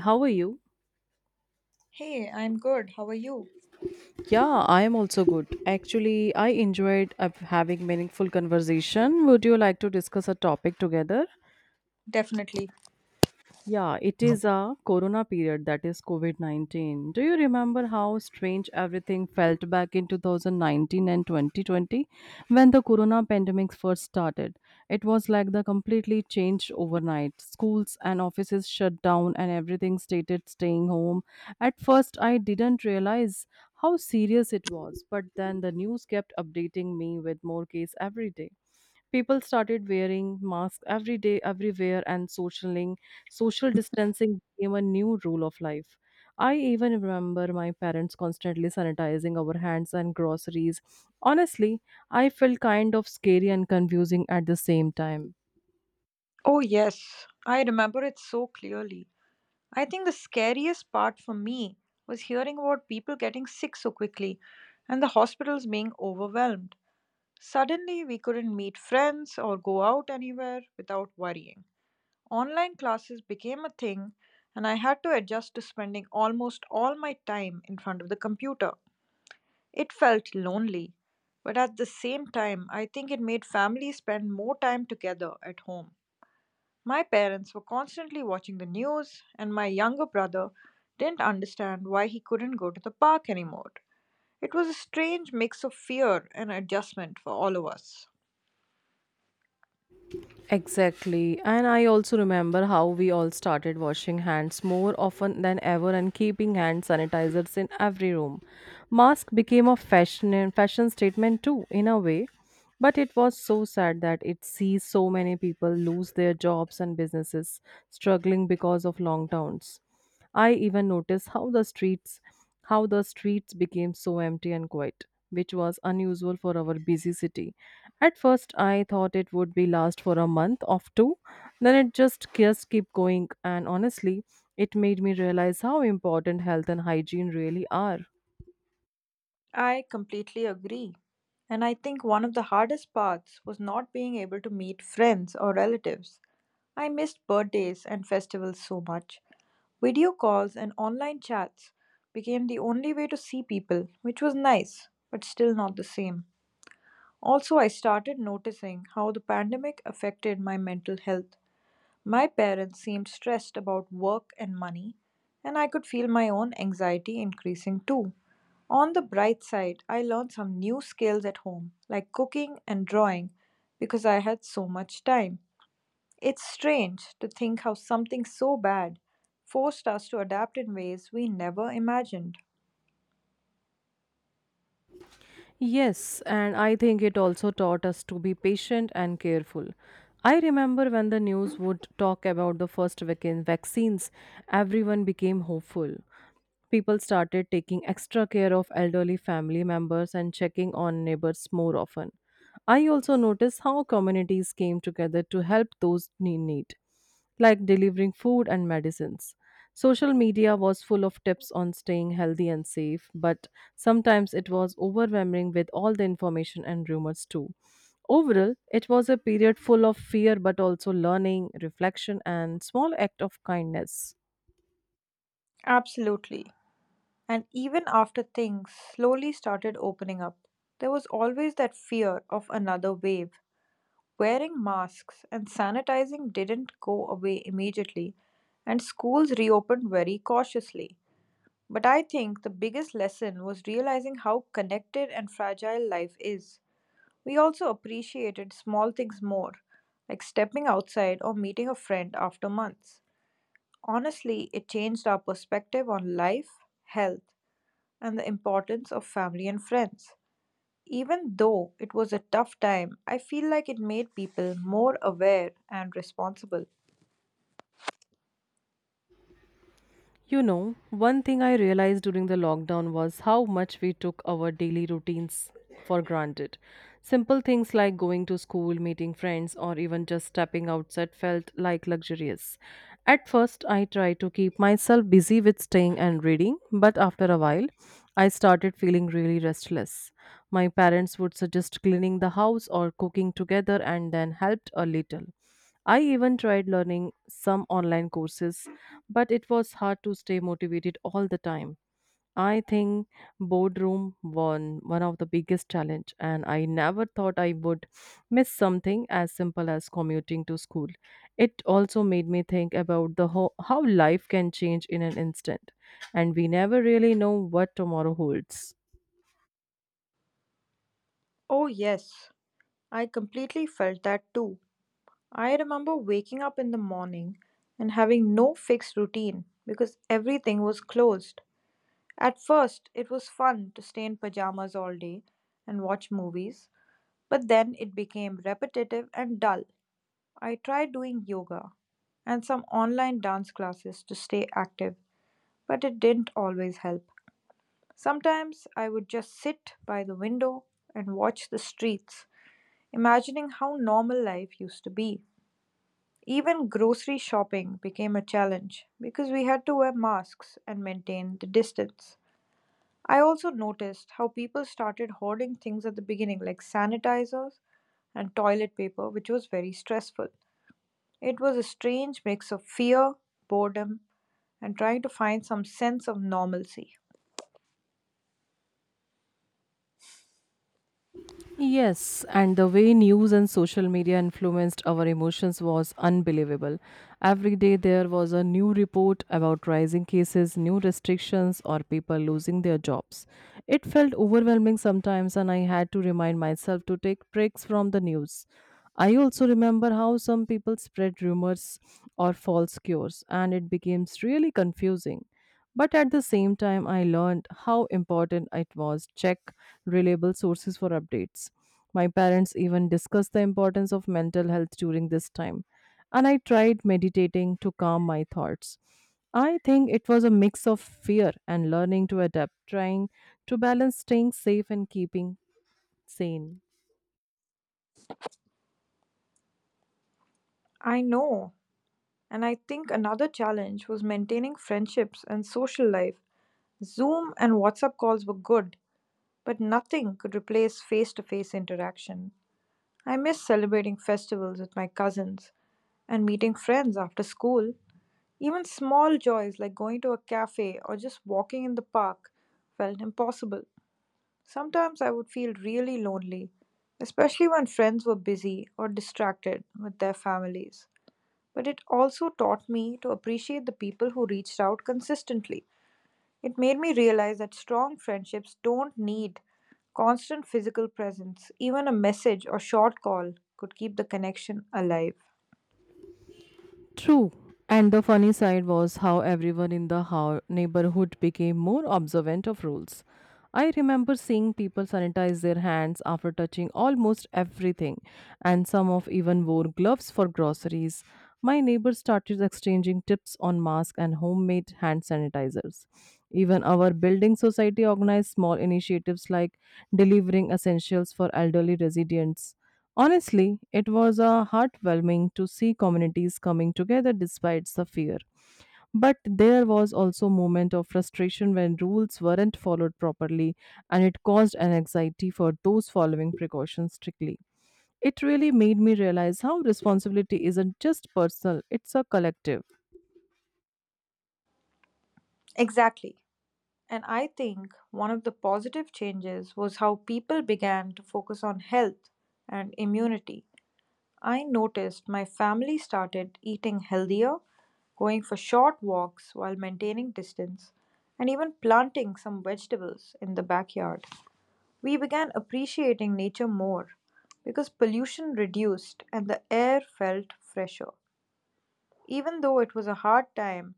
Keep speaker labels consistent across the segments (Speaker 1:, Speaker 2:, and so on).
Speaker 1: How are you?
Speaker 2: Hey, I'm good. How are you?
Speaker 1: Yeah, I am also good. Actually, I enjoyed having meaningful conversation. Would you like to discuss a topic together?
Speaker 2: Definitely.
Speaker 1: Yeah, it is a corona period, that is COVID 19. Do you remember how strange everything felt back in 2019 and 2020 when the corona pandemic first started? It was like the completely changed overnight. Schools and offices shut down and everything stated staying home. At first, I didn't realize how serious it was, but then the news kept updating me with more case every day. People started wearing masks every day, everywhere, and socialing, social distancing became a new rule of life. I even remember my parents constantly sanitizing our hands and groceries. Honestly, I felt kind of scary and confusing at the same time.
Speaker 2: Oh, yes, I remember it so clearly. I think the scariest part for me was hearing about people getting sick so quickly and the hospitals being overwhelmed. Suddenly, we couldn't meet friends or go out anywhere without worrying. Online classes became a thing, and I had to adjust to spending almost all my time in front of the computer. It felt lonely, but at the same time, I think it made families spend more time together at home. My parents were constantly watching the news, and my younger brother didn't understand why he couldn't go to the park anymore. It was a strange mix of fear and adjustment for all of us.
Speaker 1: Exactly. And I also remember how we all started washing hands more often than ever and keeping hand sanitizers in every room. Mask became a fashion and fashion statement too, in a way. But it was so sad that it sees so many people lose their jobs and businesses struggling because of lockdowns. I even noticed how the streets became so empty and quiet, which was unusual for our busy city. At first I thought it would be last for a month or two, then it just kept going and honestly it made me realize how important health and hygiene really are.
Speaker 2: I completely agree. And I think one of the hardest parts was not being able to meet friends or relatives. I missed birthdays and festivals so much. Video calls and online chats became the only way to see people, which was nice, but still not the same. Also, I started noticing how the pandemic affected my mental health. My parents seemed stressed about work and money, and I could feel my own anxiety increasing too. On the bright side, I learned some new skills at home, like cooking and drawing, because I had so much time. It's strange to think how something so bad forced us to adapt in ways we never imagined.
Speaker 1: Yes, and I think it also taught us to be patient and careful. I remember when the news would talk about the first vaccines, everyone became hopeful. People started taking extra care of elderly family members and checking on neighbors more often. I also noticed how communities came together to help those in need like delivering food and medicines. Social media was full of tips on staying healthy and safe, but sometimes it was overwhelming with all the information and rumors too. Overall, it was a period full of fear but also learning, reflection, and small act of kindness.
Speaker 2: Absolutely. And even after things slowly started opening up, there was always that fear of another wave. Wearing masks and sanitizing didn't go away immediately, and schools reopened very cautiously. But I think the biggest lesson was realizing how connected and fragile life is. We also appreciated small things more, like stepping outside or meeting a friend after months. Honestly, it changed our perspective on life, health, and the importance of family and friends. Even though it was a tough time, I feel like it made people more aware and responsible.
Speaker 1: You know, one thing I realized during the lockdown was how much we took our daily routines for granted. Simple things like going to school, meeting friends, or even just stepping outside felt like luxurious. At first, I tried to keep myself busy with staying and reading, but after a while, I started feeling really restless. My parents would suggest cleaning the house or cooking together and then helped a little. I even tried learning some online courses, but it was hard to stay motivated all the time. I think boardroom won one of the biggest challenge and I never thought I would miss something as simple as commuting to school. It also made me think about how life can change in an instant and we never really know what tomorrow holds.
Speaker 2: Oh, yes, I completely felt that too. I remember waking up in the morning and having no fixed routine because everything was closed. At first, it was fun to stay in pajamas all day and watch movies, but then it became repetitive and dull. I tried doing yoga and some online dance classes to stay active, but it didn't always help. Sometimes I would just sit by the window and watch the streets, imagining how normal life used to be. Even grocery shopping became a challenge because we had to wear masks and maintain the distance. I also noticed how people started hoarding things at the beginning, like sanitizers and toilet paper, which was very stressful. It was a strange mix of fear, boredom, and trying to find some sense of normalcy.
Speaker 1: Yes, and the way news and social media influenced our emotions was unbelievable. Every day there was a new report about rising cases, new restrictions, or people losing their jobs. It felt overwhelming sometimes, and I had to remind myself to take breaks from the news. I also remember how some people spread rumors or false cures, and it became really confusing. But at the same time, I learned how important it was to check reliable sources for updates. My parents even discussed the importance of mental health during this time, and I tried meditating to calm my thoughts. I think it was a mix of fear and learning to adapt, trying to balance staying safe and keeping sane.
Speaker 2: I know, and I think another challenge was maintaining friendships and social life. Zoom and WhatsApp calls were good, but nothing could replace face to face interaction. I miss celebrating festivals with my cousins and meeting friends after school. Even small joys like going to a cafe or just walking in the park felt impossible. Sometimes I would feel really lonely, especially when friends were busy or distracted with their families. But it also taught me to appreciate the people who reached out consistently. It made me realize that strong friendships don't need constant physical presence. Even a message or short call could keep the connection alive.
Speaker 1: True. And the funny side was how everyone in the neighborhood became more observant of rules. I remember seeing people sanitize their hands after touching almost everything, and some of even wore gloves for groceries. My neighbors started exchanging tips on masks and homemade hand sanitizers. Even our building society organized small initiatives like delivering essentials for elderly residents. Honestly, it was heartwarming to see communities coming together despite the fear. But there was also a moment of frustration when rules weren't followed properly and it caused an anxiety for those following precautions strictly. It really made me realize how responsibility isn't just personal, it's a collective.
Speaker 2: Exactly. And I think one of the positive changes was how people began to focus on health and immunity. I noticed my family started eating healthier, going for short walks while maintaining distance, and even planting some vegetables in the backyard. We began appreciating nature more because pollution reduced and the air felt fresher. Even though it was a hard time,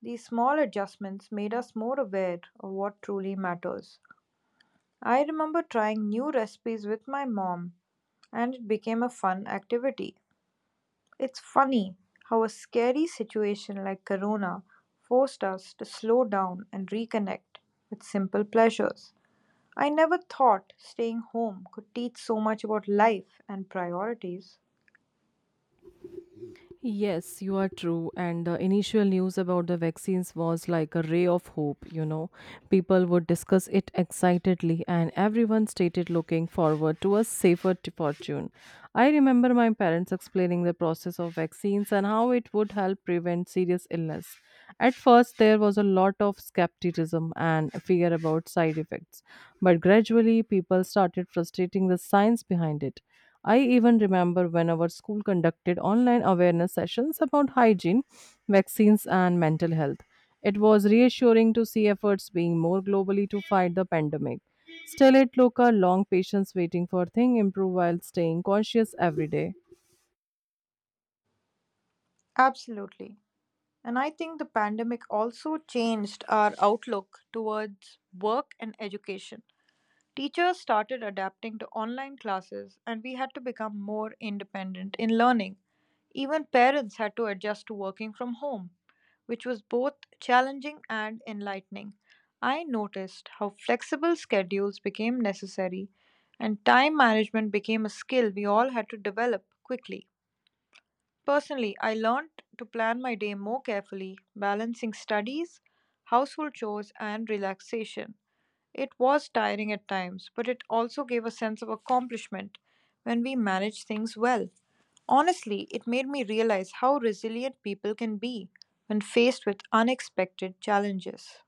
Speaker 2: these small adjustments made us more aware of what truly matters. I remember trying new recipes with my mom, and it became a fun activity. It's funny how a scary situation like Corona forced us to slow down and reconnect with simple pleasures. I never thought staying home could teach so much about life and priorities.
Speaker 1: Yes, you are true. And the initial news about the vaccines was like a ray of hope, you know. People would discuss it excitedly, and everyone stated looking forward to a safer fortune. I remember my parents explaining the process of vaccines and how it would help prevent serious illness. At first, there was a lot of skepticism and fear about side effects, but gradually, people started frustrating the science behind it. I even remember when our school conducted online awareness sessions about hygiene, vaccines, and mental health. It was reassuring to see efforts being more globally to fight the pandemic. Still, it took a long patience waiting for things improve while staying conscious every day.
Speaker 2: Absolutely. And I think the pandemic also changed our outlook towards work and education. Teachers started adapting to online classes, and we had to become more independent in learning. Even parents had to adjust to working from home, which was both challenging and enlightening. I noticed how flexible schedules became necessary, and time management became a skill we all had to develop quickly. Personally, I learned to plan my day more carefully, balancing studies, household chores, and relaxation. It was tiring at times, but it also gave a sense of accomplishment when we managed things well. Honestly, it made me realize how resilient people can be when faced with unexpected challenges.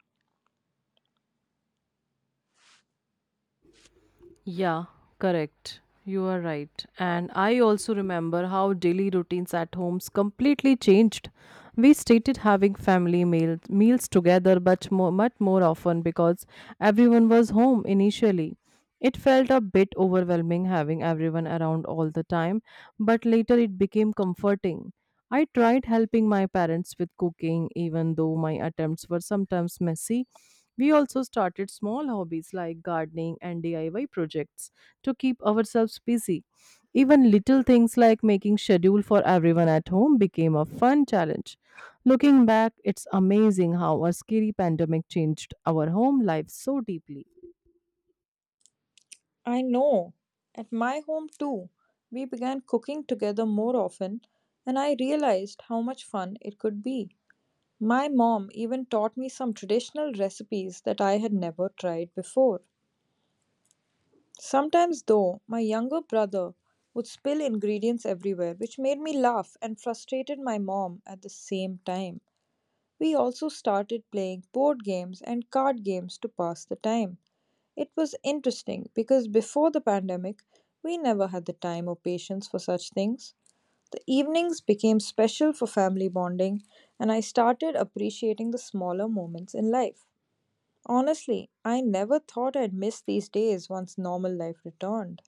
Speaker 1: Yeah, correct. You are right. And I also remember how daily routines at homes completely changed. We started having family meals together much more often because everyone was home initially. It felt a bit overwhelming having everyone around all the time, but later it became comforting. I tried helping my parents with cooking even though my attempts were sometimes messy. We also started small hobbies like gardening and DIY projects to keep ourselves busy. Even little things like making schedule for everyone at home became a fun challenge. Looking back, it's amazing how a scary pandemic changed our home life so deeply.
Speaker 2: I know. At my home, too, we began cooking together more often, and I realized how much fun it could be. My mom even taught me some traditional recipes that I had never tried before. Sometimes, though, my younger brother would spill ingredients everywhere, which made me laugh and frustrated my mom at the same time. We also started playing board games and card games to pass the time. It was interesting because before the pandemic, we never had the time or patience for such things. The evenings became special for family bonding, and I started appreciating the smaller moments in life. Honestly, I never thought I'd miss these days once normal life returned.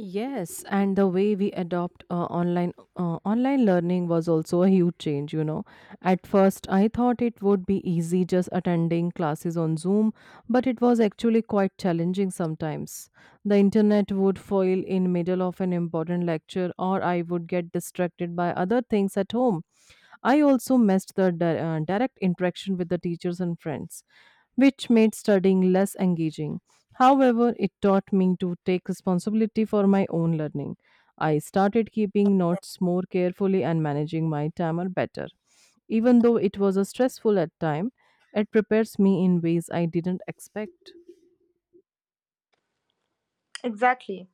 Speaker 1: Yes, and the way we adopt online online learning was also a huge change, you know. At first, I thought it would be easy just attending classes on Zoom, but it was actually quite challenging sometimes. The internet would fail in middle of an important lecture or I would get distracted by other things at home. I also missed the direct interaction with the teachers and friends which made studying less engaging. However, it taught me to take responsibility for my own learning. I started keeping notes more carefully and managing my timer better. Even though it was a stressful at time, it prepares me in ways I didn't expect.
Speaker 2: Exactly.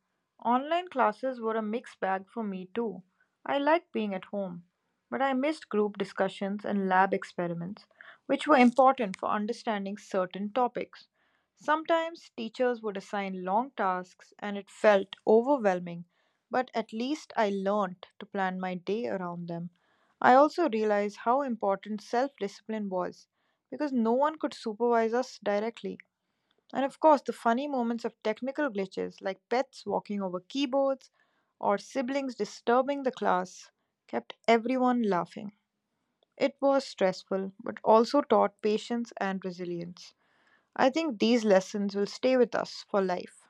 Speaker 2: Online classes were a mixed bag for me too. I liked being at home, but I missed group discussions and lab experiments, which were important for understanding certain topics. Sometimes teachers would assign long tasks and it felt overwhelming, but at least I learned to plan my day around them. I also realized how important self discipline was because no one could supervise us directly. And of course, the funny moments of technical glitches, like pets walking over keyboards or siblings disturbing the class, kept everyone laughing. It was stressful, but also taught patience and resilience. I think these lessons will stay with us for life.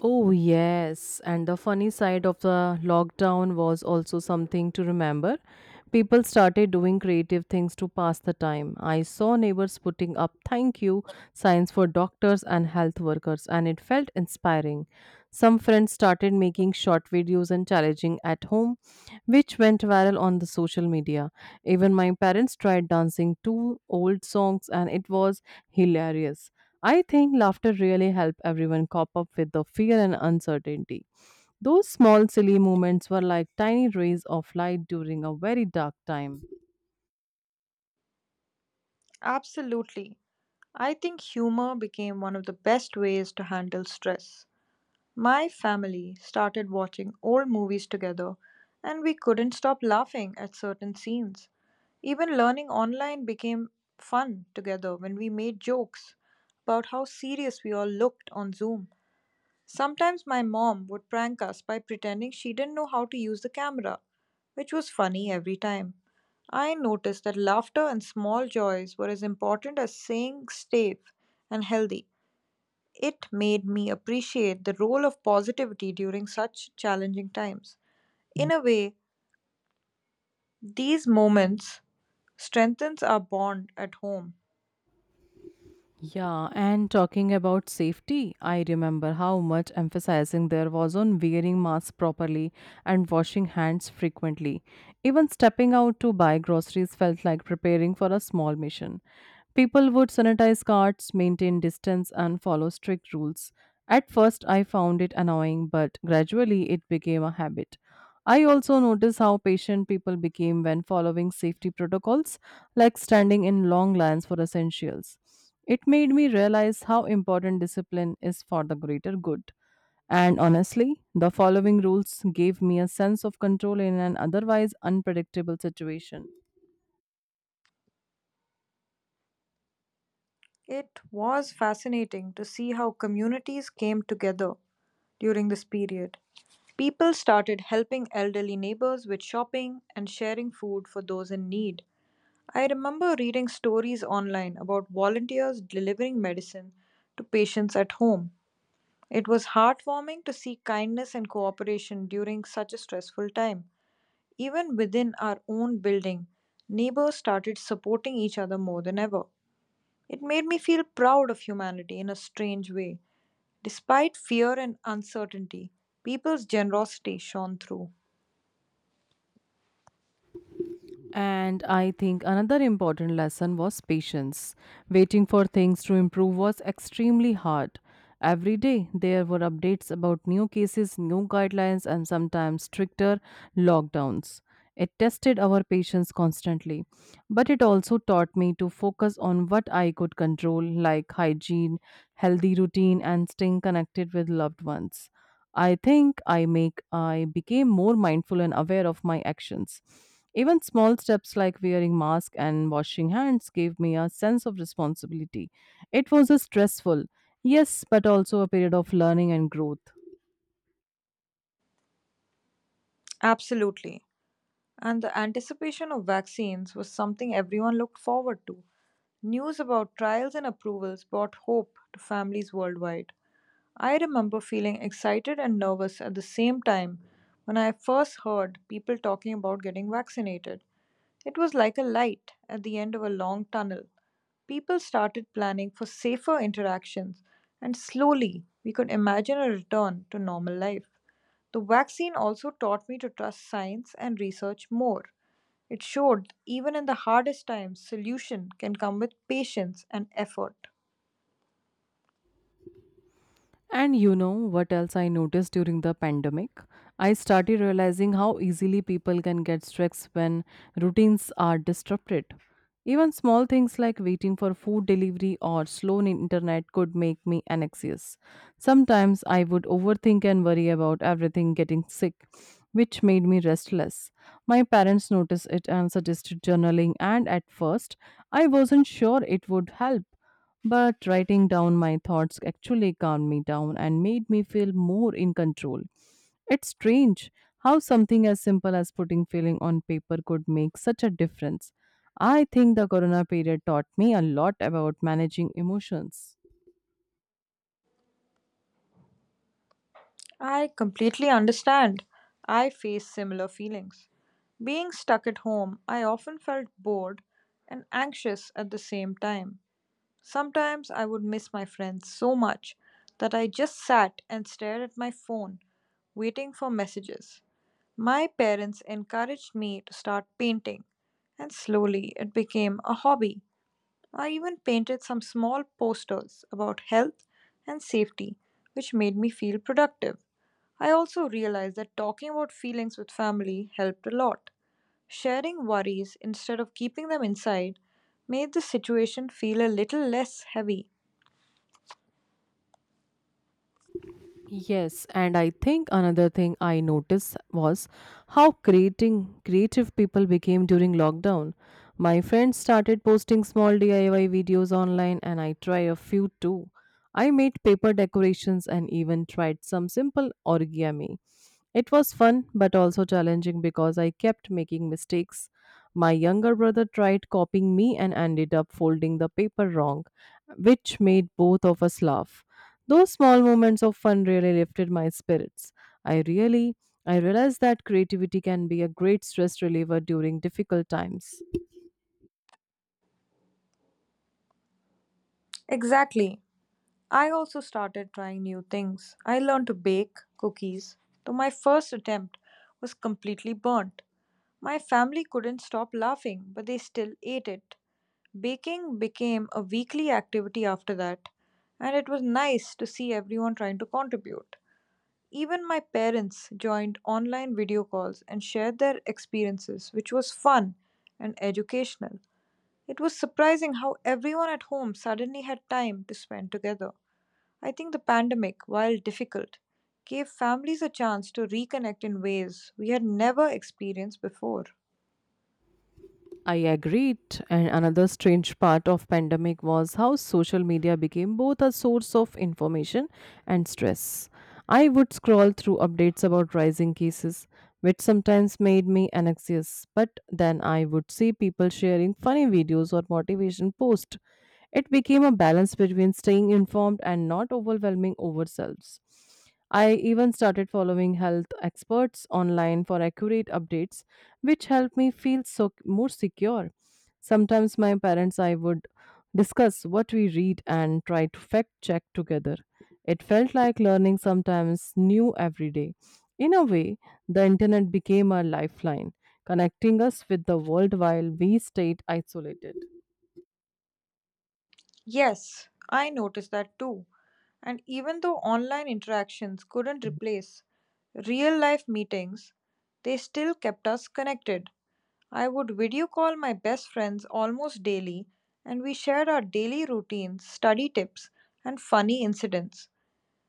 Speaker 1: Oh, yes. And the funny side of the lockdown was also something to remember. People started doing creative things to pass the time. I saw neighbors putting up thank you signs for doctors and health workers, and it felt inspiring. Some friends started making short videos and challenging at home, which went viral on the social media. Even my parents tried dancing to old songs, and it was hilarious. I think laughter really helped everyone cope up with the fear and uncertainty. Those small silly moments were like tiny rays of light during a very dark time.
Speaker 2: Absolutely. I think humor became one of the best ways to handle stress. My family started watching old movies together, and we couldn't stop laughing at certain scenes. Even learning online became fun together when we made jokes about how serious we all looked on Zoom. Sometimes my mom would prank us by pretending she didn't know how to use the camera, which was funny every time. I noticed that laughter and small joys were as important as staying safe and healthy. It made me appreciate the role of positivity during such challenging times. In a way, these moments strengthens our bond at home.
Speaker 1: Yeah, and talking about safety, I remember how much emphasizing there was on wearing masks properly and washing hands frequently. Even stepping out to buy groceries felt like preparing for a small mission. People would sanitize carts, maintain distance, and follow strict rules. At first, I found it annoying, but gradually it became a habit. I also noticed how patient people became when following safety protocols, like standing in long lines for essentials. It made me realize how important discipline is for the greater good. And honestly, the following rules gave me a sense of control in an otherwise unpredictable situation.
Speaker 2: It was fascinating to see how communities came together during this period. People started helping elderly neighbors with shopping and sharing food for those in need. I remember reading stories online about volunteers delivering medicine to patients at home. It was heartwarming to see kindness and cooperation during such a stressful time. Even within our own building, neighbors started supporting each other more than ever. It made me feel proud of humanity in a strange way. Despite fear and uncertainty, people's generosity shone through.
Speaker 1: And I think another important lesson was patience. Waiting for things to improve was extremely hard. Every day, there were updates about new cases, new guidelines, and sometimes stricter lockdowns. It tested our patience constantly, but it also taught me to focus on what I could control, like hygiene, healthy routine, and staying connected with loved ones. I think I became more mindful and aware of my actions. Even small steps like wearing mask and washing hands gave me a sense of responsibility. It was a stressful, yes, but also a period of learning and growth.
Speaker 2: Absolutely. And the anticipation of vaccines was something everyone looked forward to. News about trials and approvals brought hope to families worldwide. I remember feeling excited and nervous at the same time when I first heard people talking about getting vaccinated. It was like a light at the end of a long tunnel. People started planning for safer interactions, and slowly we could imagine a return to normal life. The vaccine also taught me to trust science and research more. It showed even in the hardest times, solution can come with patience and effort.
Speaker 1: And you know what else I noticed during the pandemic? I started realizing how easily people can get stressed when routines are disrupted. Even small things like waiting for food delivery or slow internet could make me anxious. Sometimes I would overthink and worry about everything getting sick, which made me restless. My parents noticed it and suggested journaling, and at first, I wasn't sure it would help but writing down my thoughts actually calmed me down and made me feel more in control. It's strange how something as simple as putting feeling on paper could make such a difference. I think the corona period taught me a lot about managing emotions.
Speaker 2: I completely understand. I face similar feelings. Being stuck at home, I often felt bored and anxious at the same time. Sometimes I would miss my friends so much that I just sat and stared at my phone, waiting for messages. My parents encouraged me to start painting, and slowly it became a hobby. I even painted some small posters about health and safety, which made me feel productive. I also realized that talking about feelings with family helped a lot. Sharing worries instead of keeping them inside made the situation feel a little less heavy.
Speaker 1: Yes, and I think another thing I noticed was how creating creative people became during lockdown. My friends started posting small DIY videos online and I tried a few too. I made paper decorations and even tried some simple origami. It was fun but also challenging because I kept making mistakes. My younger brother tried copying me and ended up folding the paper wrong, which made both of us laugh. Those small moments of fun really lifted my spirits. I really I realized that creativity can be a great stress reliever during difficult times.
Speaker 2: Exactly. I also started trying new things. I learned to bake cookies, though my first attempt was completely burnt. My family couldn't stop laughing, but they still ate it. Baking became a weekly activity after that, and it was nice to see everyone trying to contribute. Even my parents joined online video calls and shared their experiences, which was fun and educational. It was surprising how everyone at home suddenly had time to spend together. I think the pandemic, while difficult, gave families a chance to reconnect in ways we had never experienced before.
Speaker 1: I agreed. And another strange part of pandemic was how social media became both a source of information and stress. I would scroll through updates about rising cases, which sometimes made me anxious, but then I would see people sharing funny videos or motivation posts. It became a balance between staying informed and not overwhelming ourselves. I even started following health experts online for accurate updates which helped me feel so more secure. Sometimes my parents I would discuss what we read and try to fact check together. It felt like learning sometimes new every day. In a way, the internet became a lifeline, connecting us with the world while we stayed isolated.
Speaker 2: Yes, I noticed that too. And even though online interactions couldn't replace real life meetings, they still kept us connected. I would video call my best friends almost daily, and we shared our daily routines, study tips, and funny incidents.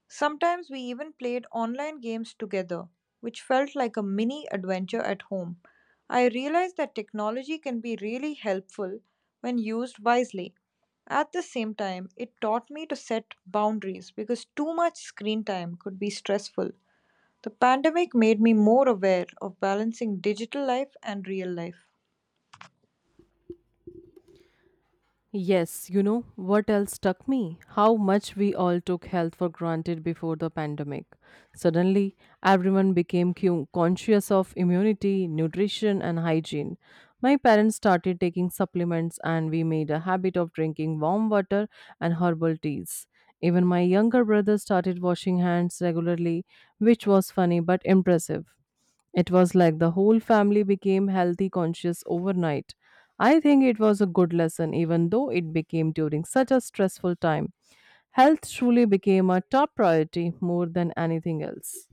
Speaker 2: Sometimes we even played online games together, which felt like a mini adventure at home. I realized that technology can be really helpful when used wisely. At the same time, it taught me to set boundaries because too much screen time could be stressful. The pandemic made me more aware of balancing digital life and real life.
Speaker 1: Yes, you know what else struck me? How much we all took health for granted before the pandemic. Suddenly, everyone became conscious of immunity, nutrition, and hygiene. My parents started taking supplements, and we made a habit of drinking warm water and herbal teas. Even my younger brother started washing hands regularly, which was funny but impressive. It was like the whole family became healthy conscious overnight. I think it was a good lesson, even though it became during such a stressful time. Health truly became a top priority more than anything else.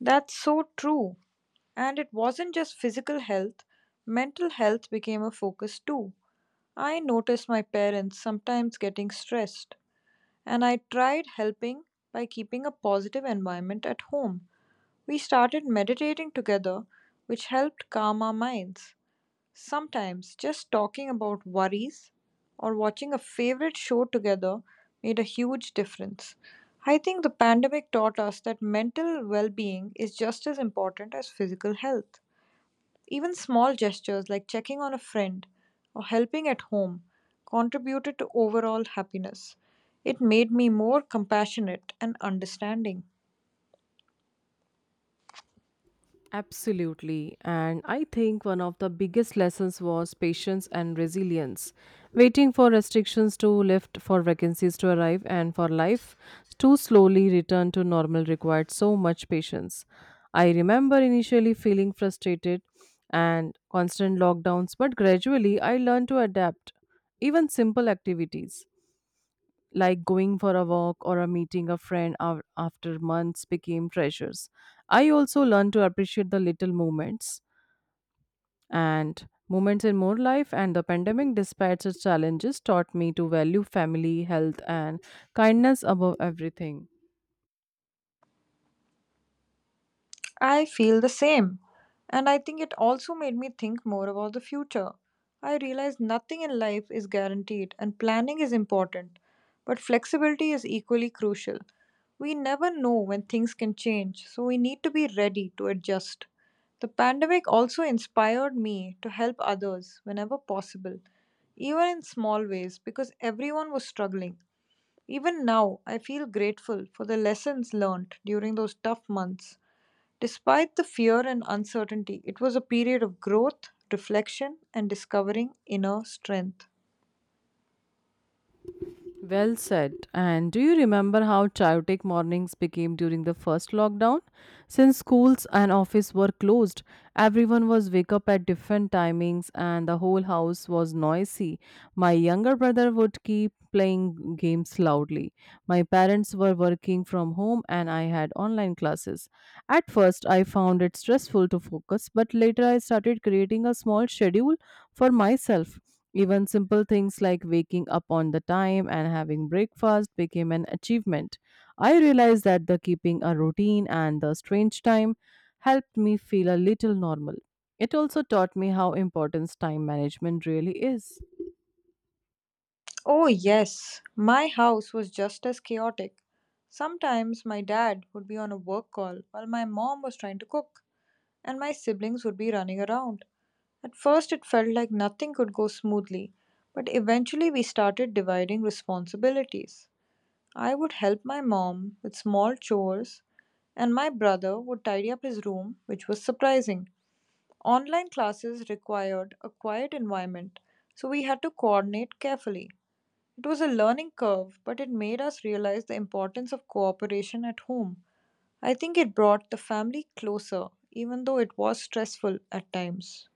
Speaker 2: That's so true. And it wasn't just physical health, mental health became a focus too. I noticed my parents sometimes getting stressed, and I tried helping by keeping a positive environment at home. We started meditating together, which helped calm our minds. Sometimes just talking about worries or watching a favorite show together made a huge difference. I think the pandemic taught us that mental well being is just as important as physical health. Even small gestures like checking on a friend or helping at home contributed to overall happiness. It made me more compassionate and understanding.
Speaker 1: Absolutely. And I think one of the biggest lessons was patience and resilience. Waiting for restrictions to lift, for vacancies to arrive, and for life to slowly return to normal required so much patience. I remember initially feeling frustrated and constant lockdowns, but gradually I learned to adapt, even simple activities like going for a walk or a meeting a friend after months became treasures. I also learned to appreciate the little moments and moments in more life and the pandemic despite its challenges taught me to value family health and kindness above everything.
Speaker 2: I feel the same. And I think it also made me think more about the future. I realized nothing in life is guaranteed, and planning is important. But flexibility is equally crucial. We never know when things can change, so we need to be ready to adjust. The pandemic also inspired me to help others whenever possible, even in small ways, because everyone was struggling. Even now, I feel grateful for the lessons learned during those tough months. Despite the fear and uncertainty, it was a period of growth, reflection, and discovering inner strength.
Speaker 1: Well said. And do you remember how chaotic mornings became during the first lockdown? Since schools and office were closed, everyone was wake up at different timings and the whole house was noisy. My younger brother would keep playing games loudly. My parents were working from home and I had online classes. At first, I found it stressful to focus, but later I started creating a small schedule for myself. Even simple things like waking up on the time and having breakfast became an achievement. I realized that the keeping a routine and the strange time helped me feel a little normal. It also taught me how important time management really is.
Speaker 2: Oh, yes, my house was just as chaotic. Sometimes my dad would be on a work call while my mom was trying to cook, and my siblings would be running around. At first, it felt like nothing could go smoothly, but eventually, we started dividing responsibilities. I would help my mom with small chores, and my brother would tidy up his room, which was surprising. Online classes required a quiet environment, so we had to coordinate carefully. It was a learning curve, but it made us realize the importance of cooperation at home. I think it brought the family closer, even though it was stressful at times.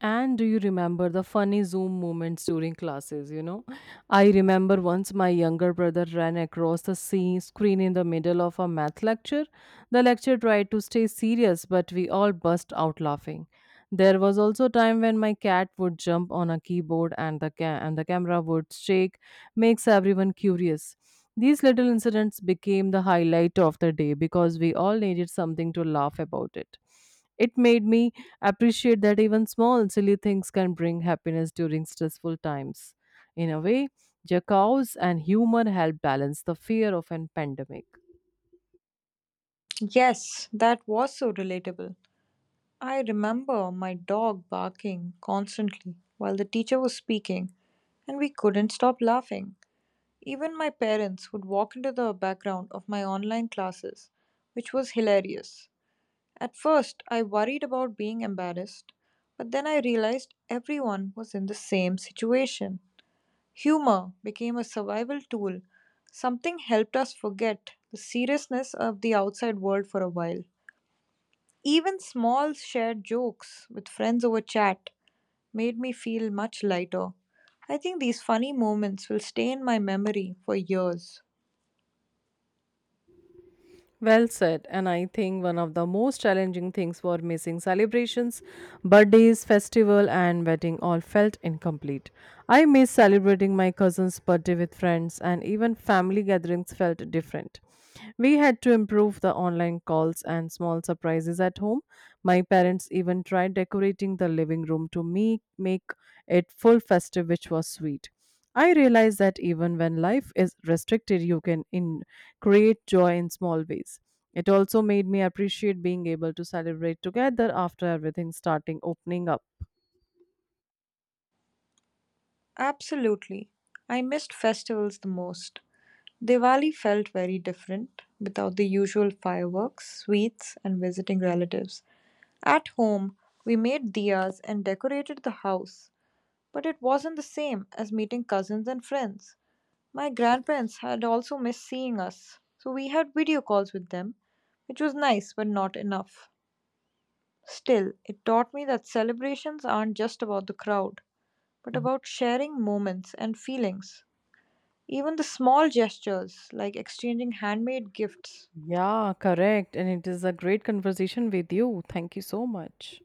Speaker 1: And do you remember the funny Zoom moments during classes? You know, I remember once my younger brother ran across the screen in the middle of a math lecture. The lecture tried to stay serious, but we all burst out laughing. There was also a time when my cat would jump on a keyboard and the camera would shake, makes everyone curious. These little incidents became the highlight of the day because we all needed something to laugh about it. It made me appreciate that even small, silly things can bring happiness during stressful times. In a way, jackals and humor help balance the fear of an pandemic.
Speaker 2: Yes, that was so relatable. I remember my dog barking constantly while the teacher was speaking, and we couldn't stop laughing. Even my parents would walk into the background of my online classes, which was hilarious. At first, I worried about being embarrassed, but then I realized everyone was in the same situation. Humor became a survival tool. Something helped us forget the seriousness of the outside world for a while. Even small shared jokes with friends over chat made me feel much lighter. I think these funny moments will stay in my memory for years.
Speaker 1: Well said. And I think one of the most challenging things were missing celebrations, birthdays, festival, and wedding all felt incomplete. I miss celebrating my cousin's birthday with friends, and even family gatherings felt different. We had to improve the online calls and small surprises at home. My parents even tried decorating the living room to make it full festive, which was sweet. I realize that even when life is restricted, you can in create joy in small ways. It also made me appreciate being able to celebrate together after everything starting opening up.
Speaker 2: Absolutely. I missed festivals the most. Diwali felt very different without the usual fireworks, sweets, and visiting relatives. At home, we made diyas and decorated the house, but it wasn't the same as meeting cousins and friends. My grandparents had also missed seeing us, so we had video calls with them, which was nice but not enough. Still, it taught me that celebrations aren't just about the crowd, but about sharing moments and feelings. Even the small gestures, like exchanging handmade gifts,
Speaker 1: Yeah, correct. And it is a great conversation with you. Thank you so much.